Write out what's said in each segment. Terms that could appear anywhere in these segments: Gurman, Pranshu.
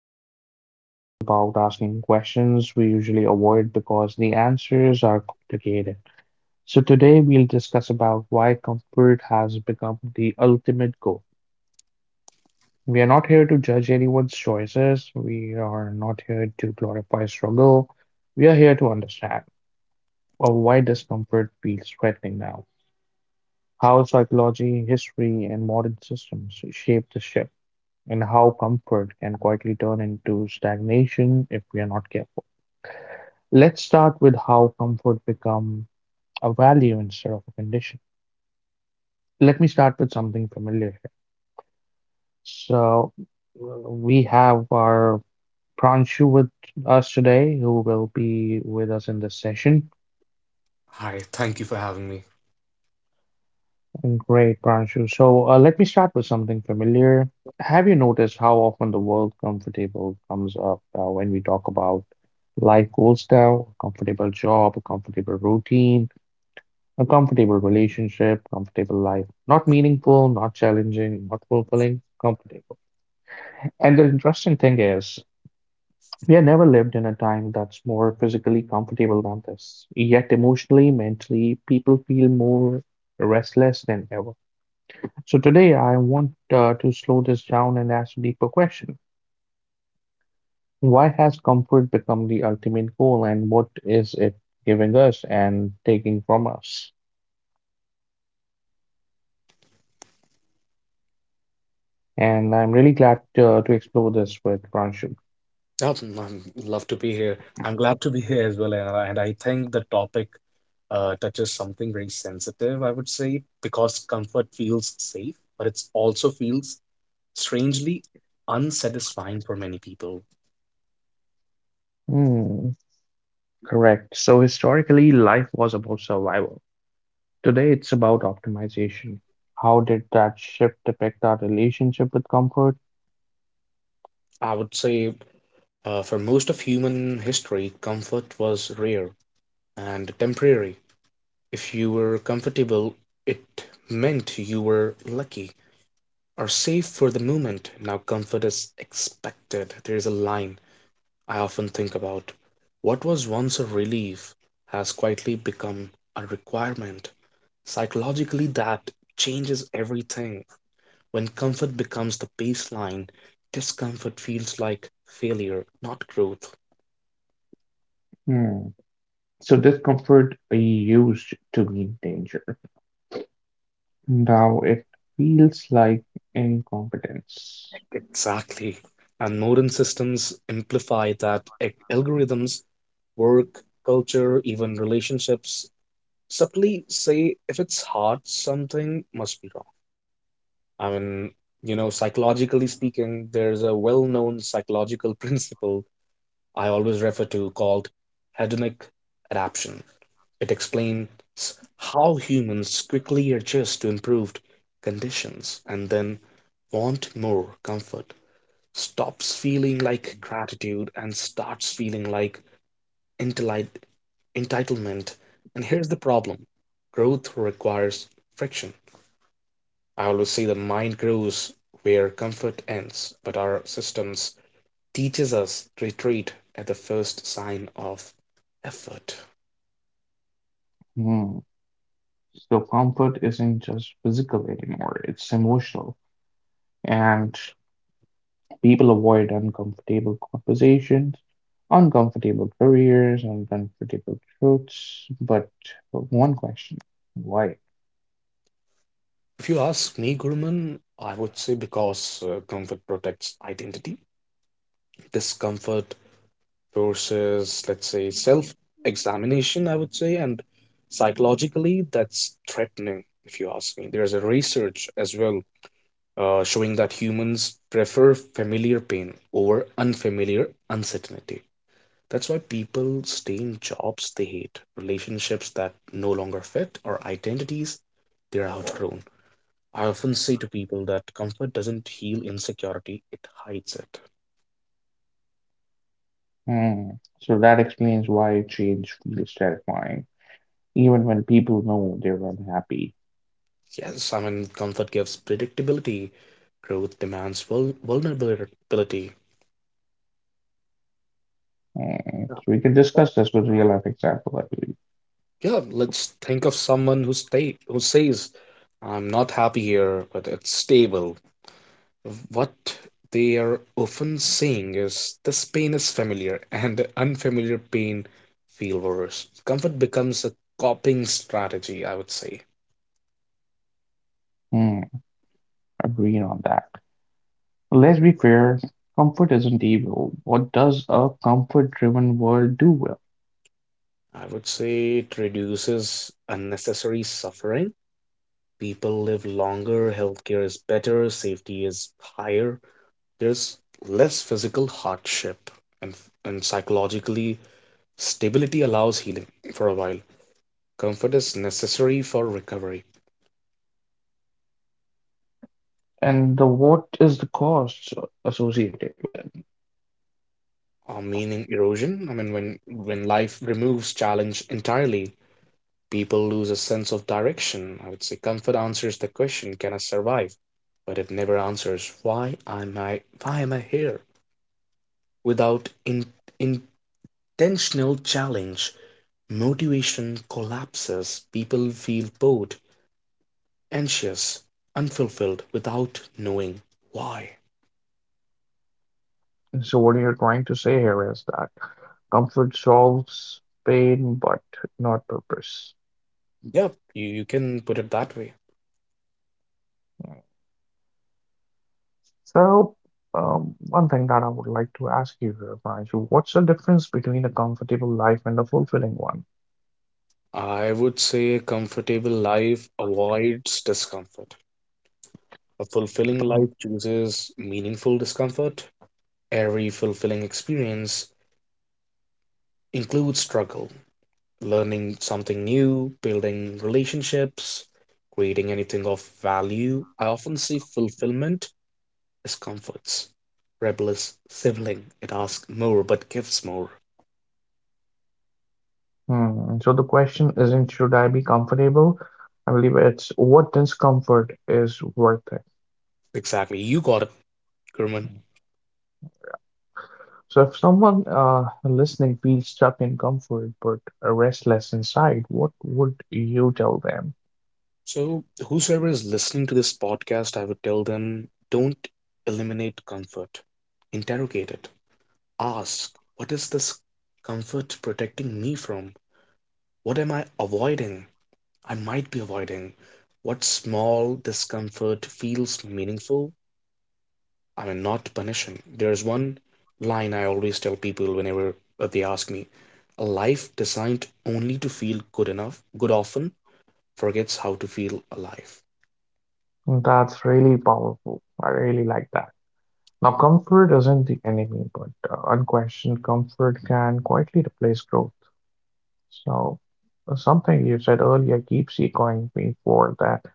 Gurman, and this space is about asking questions we usually avoid because the answers are complicated. So, today we'll discuss about why comfort has become the ultimate goal. We are not here to judge anyone's choices, we are not here to glorify struggle. We are here to understand why discomfort feels threatening now, how psychology, history, and modern systems shape the shift. And how comfort can quietly turn into stagnation if we are not careful. Let's start with how comfort become a value instead of a condition. Let me start with something familiar here. So we have our Pranshu with us today, who will be with us in this session. Hi, thank you for having me. Great, Pranshu. So let me start with something familiar. Have you noticed how often the word comfortable comes up when we talk about life goals now? A comfortable job, a comfortable routine, a comfortable relationship, comfortable life. Not meaningful, not challenging, not fulfilling, comfortable. And the interesting thing is, we have never lived in a time that's more physically comfortable than this. Yet emotionally, mentally, people feel more restless than ever. So today I want to slow this down and ask a deeper question. Why has comfort become the ultimate goal and what is it giving us and taking from us? And I'm really glad to explore this with Pranshul. Oh, I'm love to be here. I'm glad to be here as well, and I think the topic touches something very sensitive, I would say, because comfort feels safe, but it also feels strangely unsatisfying for many people. Hmm, correct. So historically, life was about survival. Today it's about optimization. How did that shift affect our relationship with comfort? I would say for most of human history, comfort was rare and temporary. If you were comfortable, it meant you were lucky. Are safe for the moment. Now comfort is expected. There is a line I often think about. What was once a relief has quietly become a requirement. Psychologically, that changes everything. When comfort becomes the baseline, discomfort feels like failure, not growth. Hmm. So discomfort used to mean danger. Now it feels like incompetence. Exactly. And modern systems amplify that. Algorithms, work, culture, even relationships subtly say if it's hard, something must be wrong. I mean, psychologically speaking, there's a well known psychological principle I always refer to called hedonic adaptation. It explains how humans quickly adjust to improved conditions and then want more comfort, stops feeling like gratitude and starts feeling like entili- entitlement. And here's the problem growth requires friction. I always say the mind grows where comfort ends, but our systems teaches us to retreat at the first sign of effort. Hmm. So comfort isn't just physical anymore, it's emotional. And people avoid uncomfortable conversations, uncomfortable careers, uncomfortable truths. But one question, why? If you ask me, Gurman, I would say because comfort protects identity. Discomfort forces, let's say, self examination, I would say, and psychologically, that's threatening, if you ask me. There's a research as well showing that humans prefer familiar pain over unfamiliar uncertainty. That's why people stay in jobs they hate, relationships that no longer fit, or identities they're outgrown. I often say to people that comfort doesn't heal insecurity, it hides it. Hmm. So that explains why change feels terrifying, even when people know they're unhappy. Yes, I mean, comfort gives predictability, growth demands vulnerability. Hmm. Yeah, So we can but discuss this with real life example, I believe. yeah, let's think of someone who stay who says, "I'm not happy here, but it's stable." What they are often saying is, this pain is familiar, and the unfamiliar pain feel worse. Comfort becomes a coping strategy, I would say. Hmm. Agreeing on that. Let's be fair, comfort isn't evil. What does a comfort-driven world do well? I would say it reduces unnecessary suffering. People live longer, healthcare is better, safety is higher. There's less physical hardship, and, and psychologically, stability allows healing for a while. Comfort is necessary for recovery. And the what is the cost associated with it? Meaning erosion. I mean, when life removes challenge entirely, people lose a sense of direction. I would say comfort answers the question, "Can I survive?" But it never answers, "Why am I? Why am I here?" Without intentional challenge, motivation collapses. People feel bored, anxious, unfulfilled, without knowing why. So what you're trying to say here is that comfort solves pain, but not purpose. Yep, you can put it that way. Hmm. So, one thing that I would like to ask you here, Pranshu, what's the difference between a comfortable life and a fulfilling one? I would say a comfortable life avoids discomfort. A fulfilling Mhm. life chooses meaningful discomfort. Every fulfilling experience includes struggle, learning something new, building relationships, creating anything of value. I often see fulfillment as comforts. Rebellious sibling, it asks more but gives more. Hmm. So the question isn't should I be comfortable? I believe it's what discomfort is worth it. Exactly, you got it, Kerman. So if someone listening feels stuck in comfort but restless inside, what would you tell them? So, whosoever is listening to this podcast, I would tell them don't eliminate comfort, interrogate it. Ask, what is this comfort protecting me from? What am I avoiding? I might be avoiding. What small discomfort feels meaningful? I mean, not punishing. There's one line I always tell people whenever they ask me a life designed only to feel good enough, good often forgets how to feel alive. That's really powerful. I really like that. Now, comfort isn't the enemy, but unquestioned comfort can quietly replace growth. So, something you said earlier keeps echoing me for that.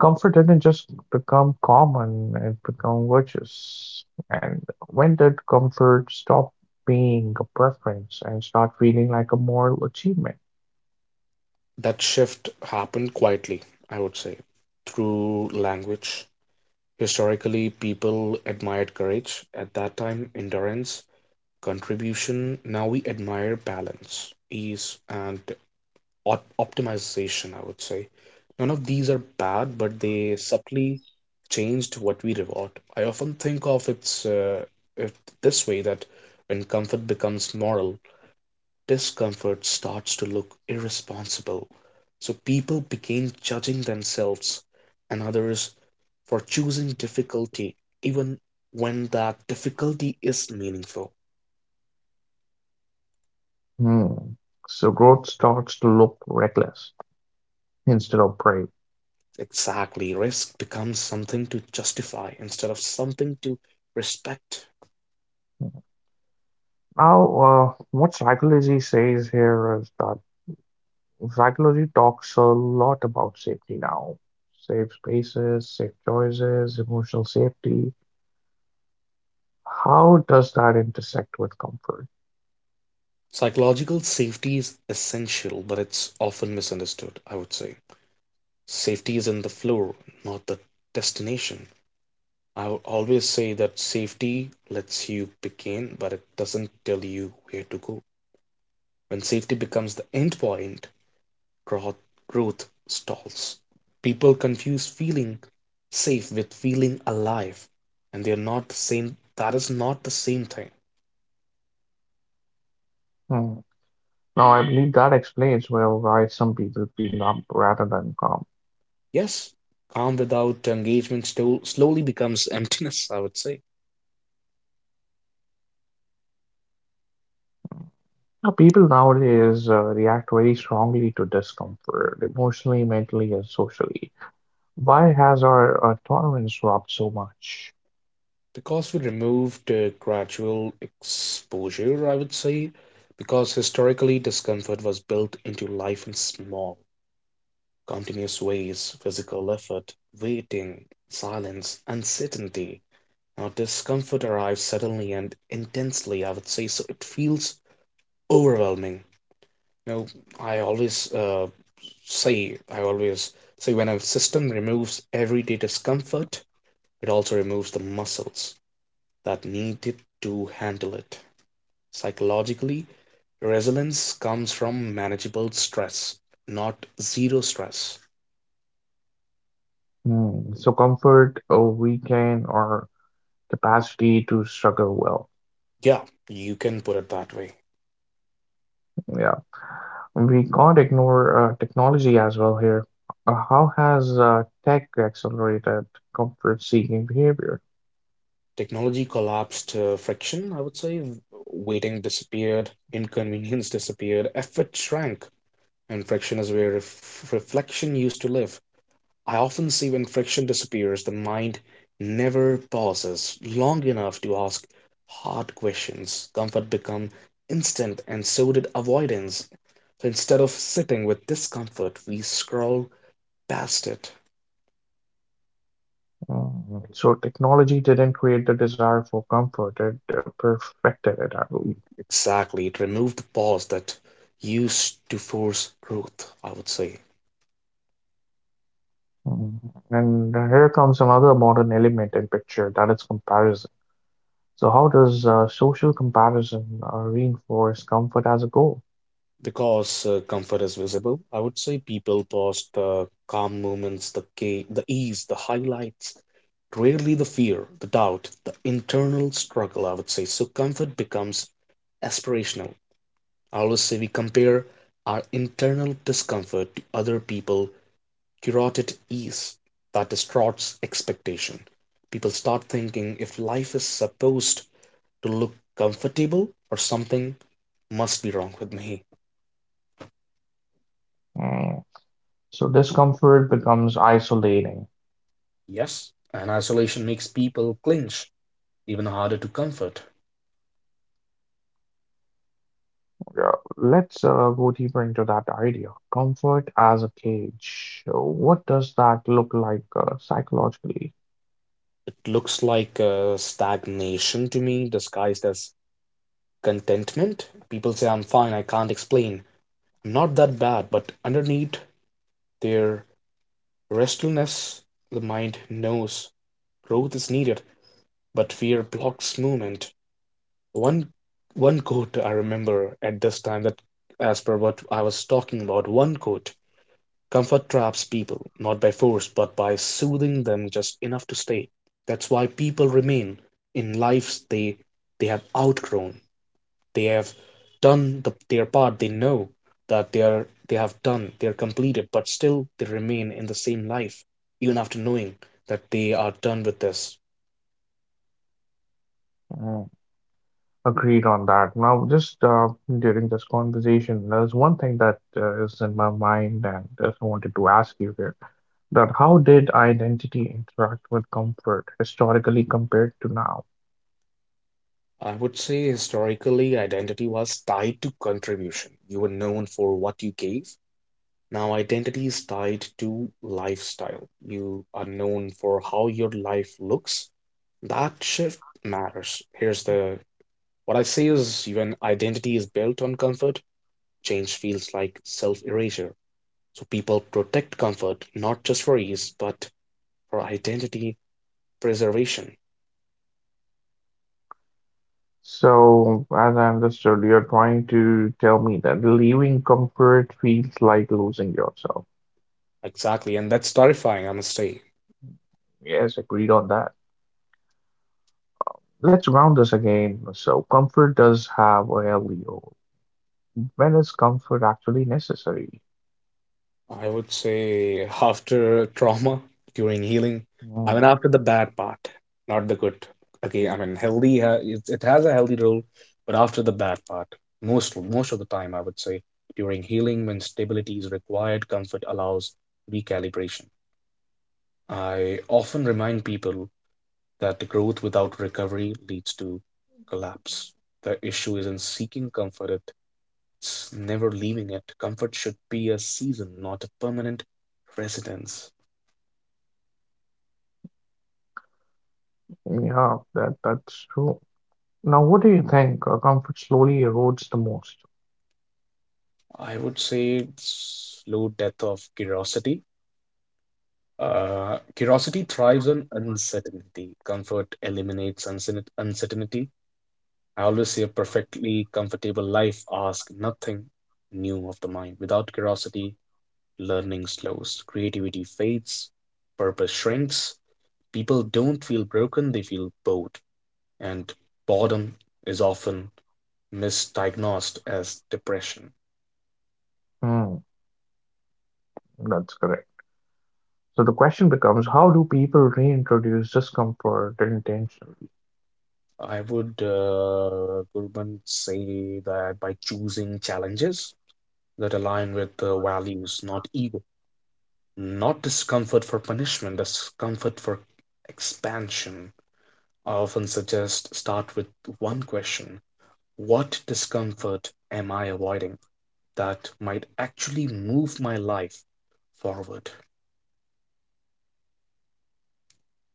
Comfort didn't just become common, it became virtuous. And when did comfort stop being a preference and start feeling like a moral achievement? That shift happened quietly, I would say, through language. Historically, people admired courage, at that time endurance, contribution. Now we admire balance, ease, and optimization, I would say. None of these are bad, but they subtly changed what we reward. I often think of it this way that when comfort becomes moral, discomfort starts to look irresponsible. So people begin judging themselves and others for choosing difficulty even when that difficulty is meaningful. Hmm. So, growth starts to look reckless instead of brave. Exactly. Risk becomes something to justify instead of something to respect. Now, what psychology says here is that psychology talks a lot about safety now. Safe spaces, safe choices, emotional safety. How does that intersect with comfort? Psychological safety is essential, but it's often misunderstood, I would say. Safety is in the floor, not the destination. I will always say that safety lets you begin, but it doesn't tell you where to go. When safety becomes the end point, growth stalls. People confuse feeling safe with feeling alive, and they are not the same. That is not the same thing. Hmm. Now, I believe that explains well why some people feel numb rather than calm. Yes, calm without engagement still slowly becomes emptiness, I would say. Now, people nowadays react very strongly to discomfort, emotionally, mentally, and socially. Why has our tolerance dropped so much? Because we removed gradual exposure, I would say, because historically discomfort was built into life in small, continuous ways physical effort, waiting, silence, uncertainty. Now, discomfort arrives suddenly and intensely, I would say. So it feels overwhelming. You know, I always uh, I always say when a system removes everyday discomfort, it also removes the muscles that need it to handle it. Psychologically, resilience comes from manageable stress, not zero stress. Hmm. So, comfort, a weekend, or capacity to struggle well. Yeah, you can put it that way. Yeah. We can't ignore technology as well here. How has tech accelerated comfort-seeking behavior? Technology collapsed friction, I would say. Waiting disappeared, inconvenience disappeared, effort shrank, and friction is where reflection used to live. I often see when friction disappears, the mind never pauses long enough to ask hard questions. Comfort become instant, and so did avoidance. So instead of sitting with discomfort, we scroll past it. So technology didn't create the desire for comfort, it perfected it, I believe. Exactly, it removed the pause that used to force growth, I would say. Mm, And here comes another modern element in picture, that is comparison. So how does social comparison reinforce comfort as a goal? Because comfort is visible, I would say people post the calm moments, the ease, the highlights, rarely the fear, the doubt, the internal struggle, I would say. So comfort becomes aspirational. I always say we compare our internal discomfort to other people curated ease that distorts expectation. People start thinking if life is supposed to look comfortable or something must be wrong with me. Mm, So discomfort becomes isolating. Yes, and isolation makes people clinch, even harder to comfort. Yeah, let's go deeper into that idea. Comfort as a cage. What does that look like psychologically? It looks like stagnation to me, disguised as contentment. People say, I'm fine, I can't explain. I'm not that bad, but underneath their restlessness, the mind knows growth is needed, but fear blocks movement. One one quote I remember at this time that as per what I was talking about, one quote comfort traps people, not by force, but by soothing them just enough to stay. That's why people remain in lives they have outgrown. They have done the, their part. They know that they are they have done, they're completed, but still they remain in the same life, even after knowing that they are done with this. Mm, Agreed on that. Now, just during this conversation, there's one thing that is in my mind, and just wanted to ask you here that how did identity interact with comfort historically compared to now? I would say historically, identity was tied to contribution. You were known for what you gave. Now, identity is tied to lifestyle. You are known for how your life looks. That shift matters. Here's the what I say is when identity is built on comfort, change feels like self erasure. So people protect comfort not just for ease, but for identity preservation. So, as I understood, you're trying to tell me that leaving comfort feels like losing yourself. Exactly, and that's terrifying, I must say. Yes, agreed on that. Let's round this again. So, comfort does have a LEO. When is comfort actually necessary? I would say after trauma, during healing. I mean, Hmm. after the bad part, not the good. Okay, I mean, healthy, it has a healthy role, but after the bad part, most of the time, I would say, during healing, when stability is required, comfort allows recalibration. I often remind people that the growth without recovery leads to collapse. The issue isn't seeking comfort, never leaving it. Comfort should be a season, not a permanent residence. Yeah, that's true. Now, what do you think? Comfort slowly erodes the most. I would say slow death of curiosity. Curiosity thrives on uncertainty. Comfort eliminates uncertainty. I always say a perfectly comfortable life asks nothing new of the mind. Without curiosity, learning slows, creativity fades, purpose shrinks. People don't feel broken, they feel bored. And boredom is often misdiagnosed as depression. Hmm, that's correct. So the question becomes, how do people reintroduce discomfort intentionally? I would, Gurban, say that by choosing challenges that align with the values, not ego, not discomfort for punishment, discomfort for expansion. I often suggest start with one question what discomfort am I avoiding that might actually move my life forward?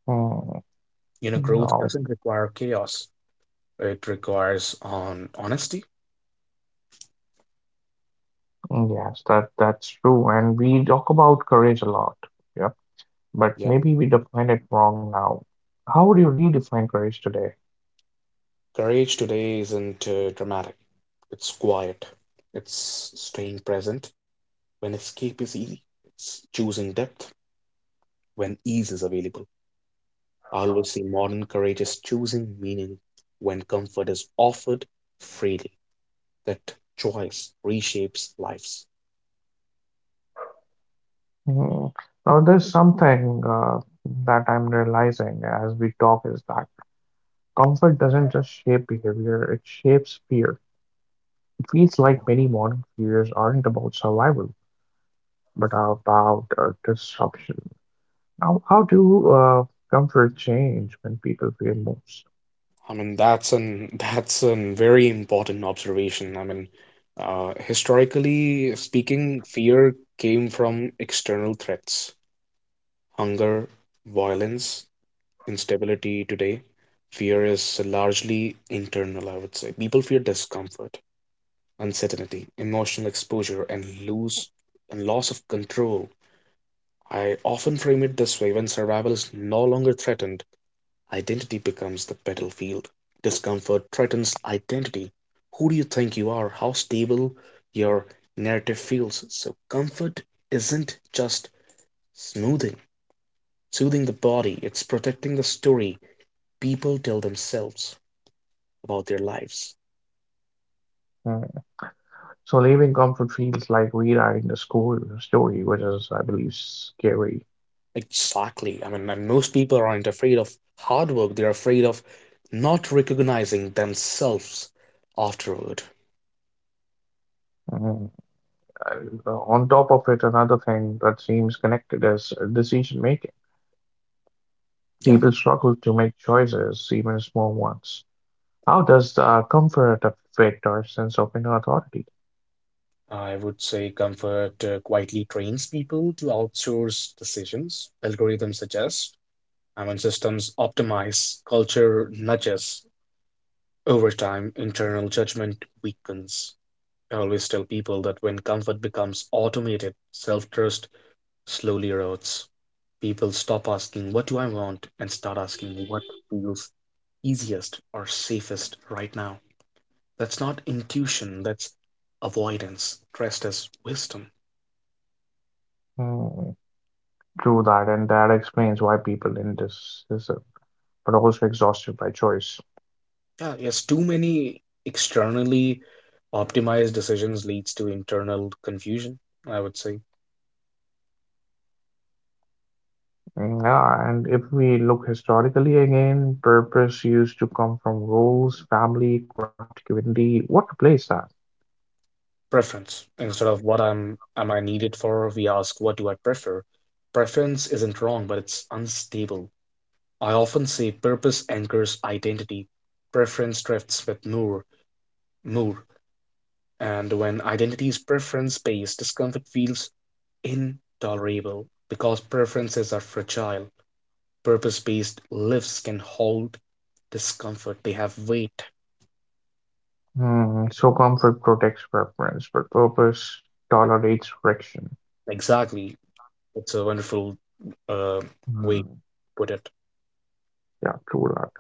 Hmm, You know, growth no, doesn't require chaos, it requires on honesty. yes, that's true. And we talk about courage a lot. Yeah, but maybe we define it wrong now. How would you redefine courage today? Courage today isn't dramatic. It's quiet. It's staying present when escape is easy. It's choosing depth when ease is available. I always see modern courage is choosing meaning when comfort is offered freely. That choice reshapes lives. Hmm. Now, there's something that I'm realizing as we talk is that comfort doesn't just shape behavior, it shapes fear. It feels like many modern fears aren't about survival, but are about disruption. Now, how do comfort change when people fear most? I mean, that's an that's a very important observation. I mean, historically speaking, fear came from external threats, hunger, violence, instability today, fear is largely internal, I would say. People fear discomfort, uncertainty, emotional exposure, and loss of control. I often frame it this way when survival is no longer threatened, identity becomes the battlefield. Discomfort threatens identity. Who do you think you are? How stable your narrative feels. So, comfort isn't just smoothing, soothing the body, it's protecting the story people tell themselves about their lives. Hmm. So, leaving comfort feels like rewriting the school story, which is, I believe, scary. Exactly. I mean, and most people aren't afraid of hard work, they're afraid of not recognizing themselves afterward. Hmm. On top of it, another thing that seems connected is decision making. Yeah. People struggle to make choices, even small ones. How does the comfort affect our sense of inner authority? I would say comfort quietly trains people to outsource decisions. Algorithms suggest, I mean, systems optimize, culture nudges. Over time, internal judgment weakens. I always tell people that when comfort becomes automated, self trust slowly erodes. People stop asking, what do I want? And start asking, what feels easiest or safest right now? That's not intuition, that's avoidance dressed as wisdom. Hmm, true that, and that explains why people in this is, but also exhausted by choice. Yeah, yes, too many externally optimized decisions leads to internal confusion, I would say. Hmm, yeah, and if we look historically again, purpose used to come from roles, family, craft, community. What replaced that? Preference. Instead of what I'm am I needed for, we ask what do I prefer? Preference isn't wrong, but it's unstable. I often say purpose anchors identity, preference drifts with moor, and when identity is preference-based, discomfort feels intolerable because preferences are fragile. Purpose-based lives can hold discomfort. They have weight. Hmm, so comfort protects preference, but purpose tolerates friction. Exactly. It's a wonderful uh, way to Hmm, put it. yeah, true that.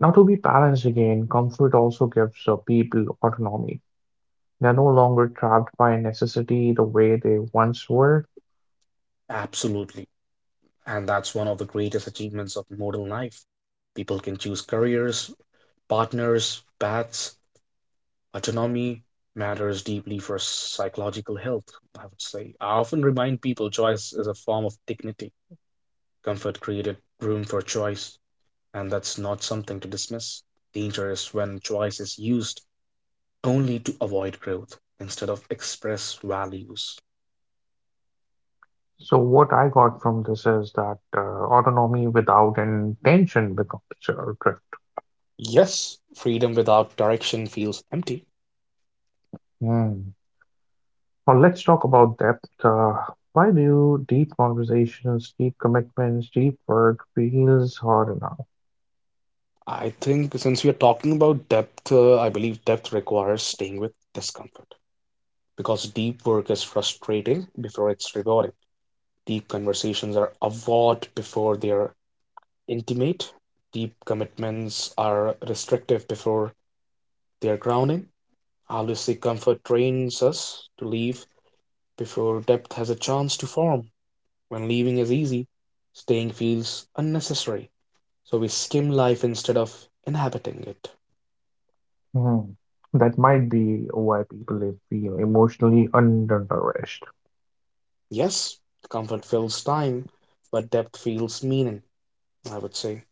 Now, to be balanced again, comfort also gives people autonomy. They're no longer trapped by necessity the way they once were. Absolutely. And that's one of the greatest achievements of modern life. People can choose careers, partners, paths, autonomy matters deeply for psychological health, I would say. I often remind people choice is a form of dignity. Comfort created room for choice, and that's not something to dismiss. Danger is when choice is used only to avoid growth instead of express values. So, what I got from this is that autonomy without intention becomes uh, drift. Yes, freedom without direction feels empty. Hmm. Well, let's talk about depth. Why do deep conversations, deep commitments, deep work feels hard enough? I think since we are talking about depth, I believe depth requires staying with discomfort because deep work is frustrating before it's rewarding. Deep conversations are avowed before they're intimate. Deep commitments are restrictive before they're grounding. Holistic comfort trains us to leave before depth has a chance to form. When leaving is easy, staying feels unnecessary. So we skim life instead of inhabiting it. Hmm. That might be why people feel emotionally undernourished. Yes, comfort fills time, but depth feels meaning, I would say.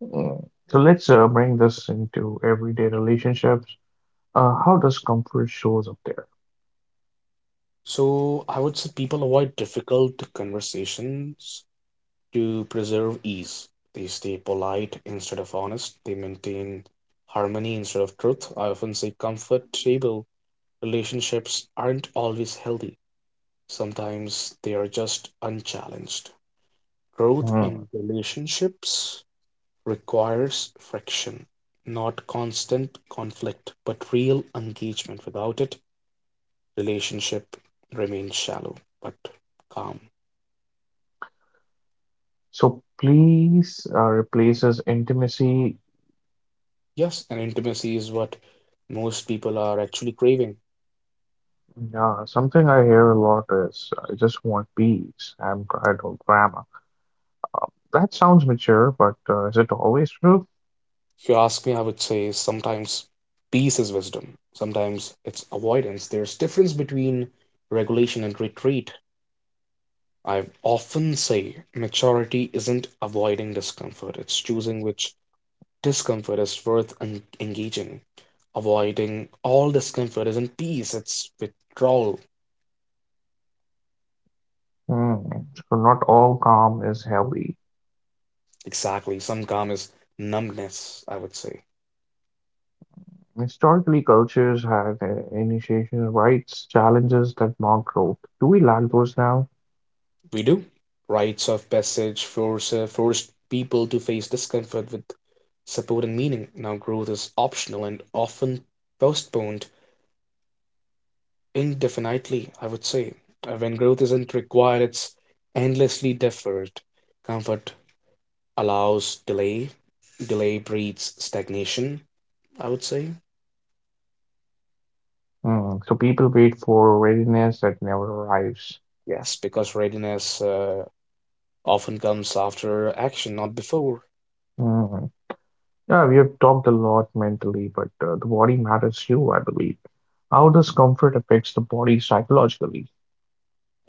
Hmm. So let's bring this into everyday relationships. How does comfort shows up there? So I would say people avoid difficult conversations to preserve ease. They stay polite instead of honest. They maintain harmony instead of truth. I often say comfortable relationships aren't always healthy. Sometimes they are just unchallenged. Growth Hmm. in relationships requires friction, not constant conflict, but real engagement. Without it, relationship remains shallow but calm. So please replaces intimacy. Yes, and intimacy is what most people are actually craving. Something I hear a lot is I just want peace. I'm tired of drama. That sounds mature, but is it always true? If you ask me, I would say sometimes peace is wisdom, sometimes it's avoidance. There's difference between regulation and retreat. I often say maturity isn't avoiding discomfort, it's choosing which discomfort is worth engaging. Avoiding all discomfort isn't peace, it's withdrawal. Hmm. So not all calm is healthy. Exactly, some calm is numbness, I would say. Historically, cultures had initiation rites, challenges that mark growth. Do we lack those now? We do. Rites of passage force, forced people to face discomfort with support and meaning. Now, growth is optional and often postponed indefinitely, I would say. When growth isn't required, it's endlessly deferred. Comfort allows delay, delay breeds stagnation, I would say. Hmm, so people wait for readiness that never arrives. Yes, because readiness often comes after action, not before. Hmm. Yeah, we have talked a lot mentally, but the body matters too, I believe. How does comfort affects the body psychologically?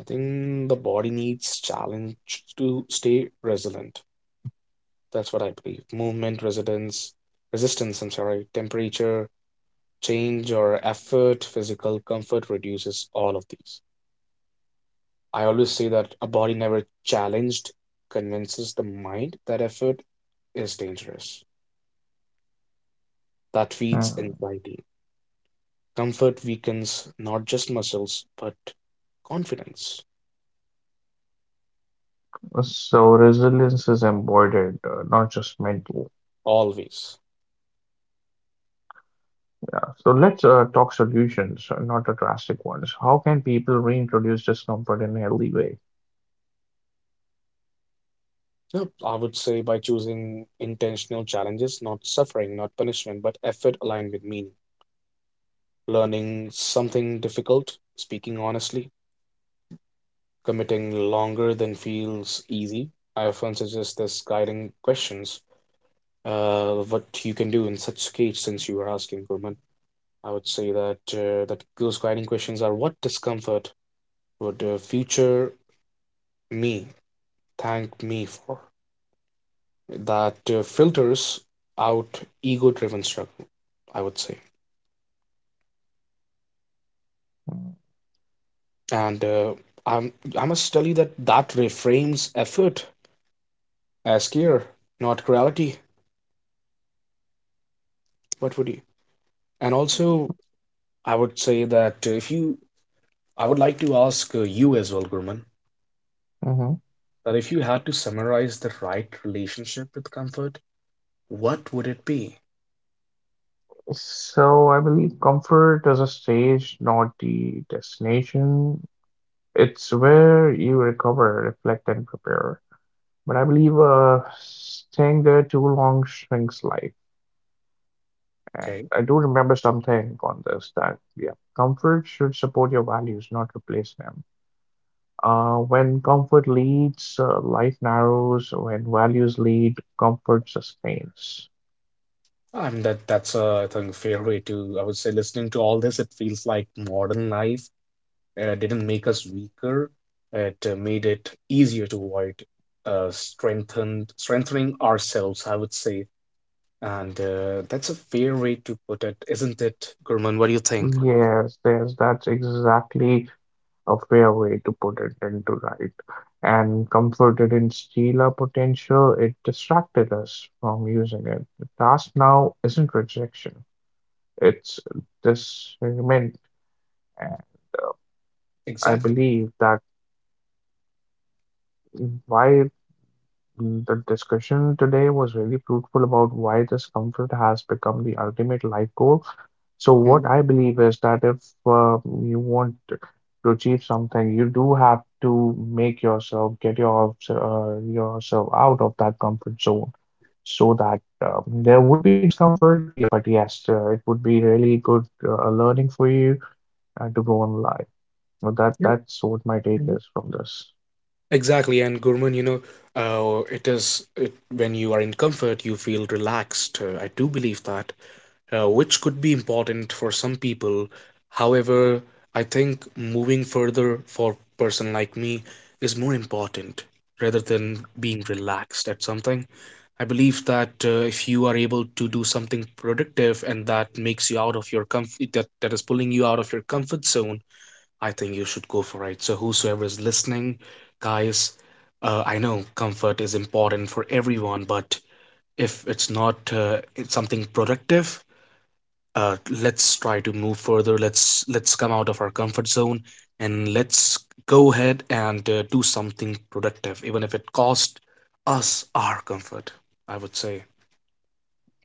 I think the body needs challenge to stay resilient. That's what I believe. Movement, resistance, I'm sorry, temperature, change or effort, physical comfort reduces all of these. I always say that a body never challenged convinces the mind that effort is dangerous. That feeds Hmm, anxiety. Comfort weakens not just muscles, but confidence, so resilience is embodied, not just mental. always. Yeah. So let's talk solutions, not the drastic ones. How can people reintroduce discomfort in a healthy way? Yep. I would say by choosing intentional challenges, not suffering, not punishment, but effort aligned with meaning. Learning something difficult, speaking honestly, committing longer than feels easy. I often suggest this guiding questions. What you can do in such case, since you are asking, Gurman, I would say that that those guiding questions are what discomfort would future me thank me for? That filters out ego-driven struggle, I would say, Hmm. and I'm, I must tell you that that reframes effort as care, not cruelty. What would you? And also, I would say that if I would like to ask you as well, Gurman, Mm-hmm. that if you had to summarize the right relationship with comfort, what would it be? So I believe comfort is a stage, not the destination. It's where you recover, reflect, and prepare. But I believe staying there too long shrinks life. And Okay. I do remember something on this that, yeah, comfort should support your values, not replace them. When comfort leads, life narrows. When values lead, comfort sustains. I mean that that's a I think fair way to, I would say, listening to all this it feels like modern life didn't make us weaker, it made it easier to avoid, strengthened strengthening ourselves, I would say. And that's a fair way to put it, isn't it, Gurman? What do you think? Yes, yes, that's exactly a fair way to put it into right. And comforted in Sheila potential, it distracted us from using it. The task now isn't rejection, it's discernment. And I Exactly. believe that why the discussion today was really fruitful about why this comfort has become the ultimate life goal. So what Mhm. I believe is that if you want to achieve something, you do have to make yourself get yourself out of that comfort zone so that there would be discomfort, yeah, but yes, it would be really good learning for you to go on life. Well, that Yep. that's what my take Mhm. is from this. Exactly. And Gurman, you know, when you are in comfort, you feel relaxed. I do believe that, which could be important for some people. However, I think moving further for person like me is more important rather than being relaxed at something. I believe that if you are able to do something productive and that makes you out of your comfort, that is pulling you out of your comfort zone, I think you should go for it. So, whosoever is listening, guys, I know comfort is important for everyone, but if it's not it's something productive, uh, let's try to move further, let's come out of our comfort zone and let's go ahead and do something productive even if it costs us our comfort, I would say.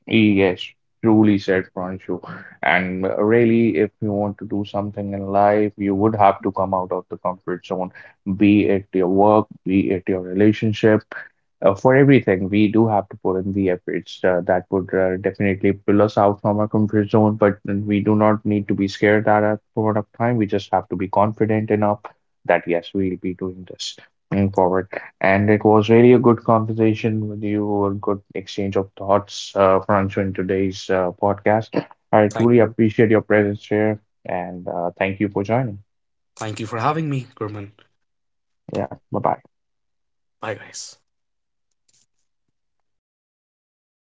Yes, truly said Pranshu. And really, if you want to do something in life, you would have to come out of the comfort zone, be it your work, be it your relationship. For everything, we do have to put in the efforts that would definitely pull us out from our comfort zone, but then we do not need to be scared at that point of time. We just have to be confident enough that, yes, we'll be doing this going forward. And it was really a good conversation with you, a good exchange of thoughts, Franco, in today's podcast. I Thank truly you. appreciate your presence here and thank you for joining. Thank you for having me, gurman. Yeah, bye bye. Bye guys.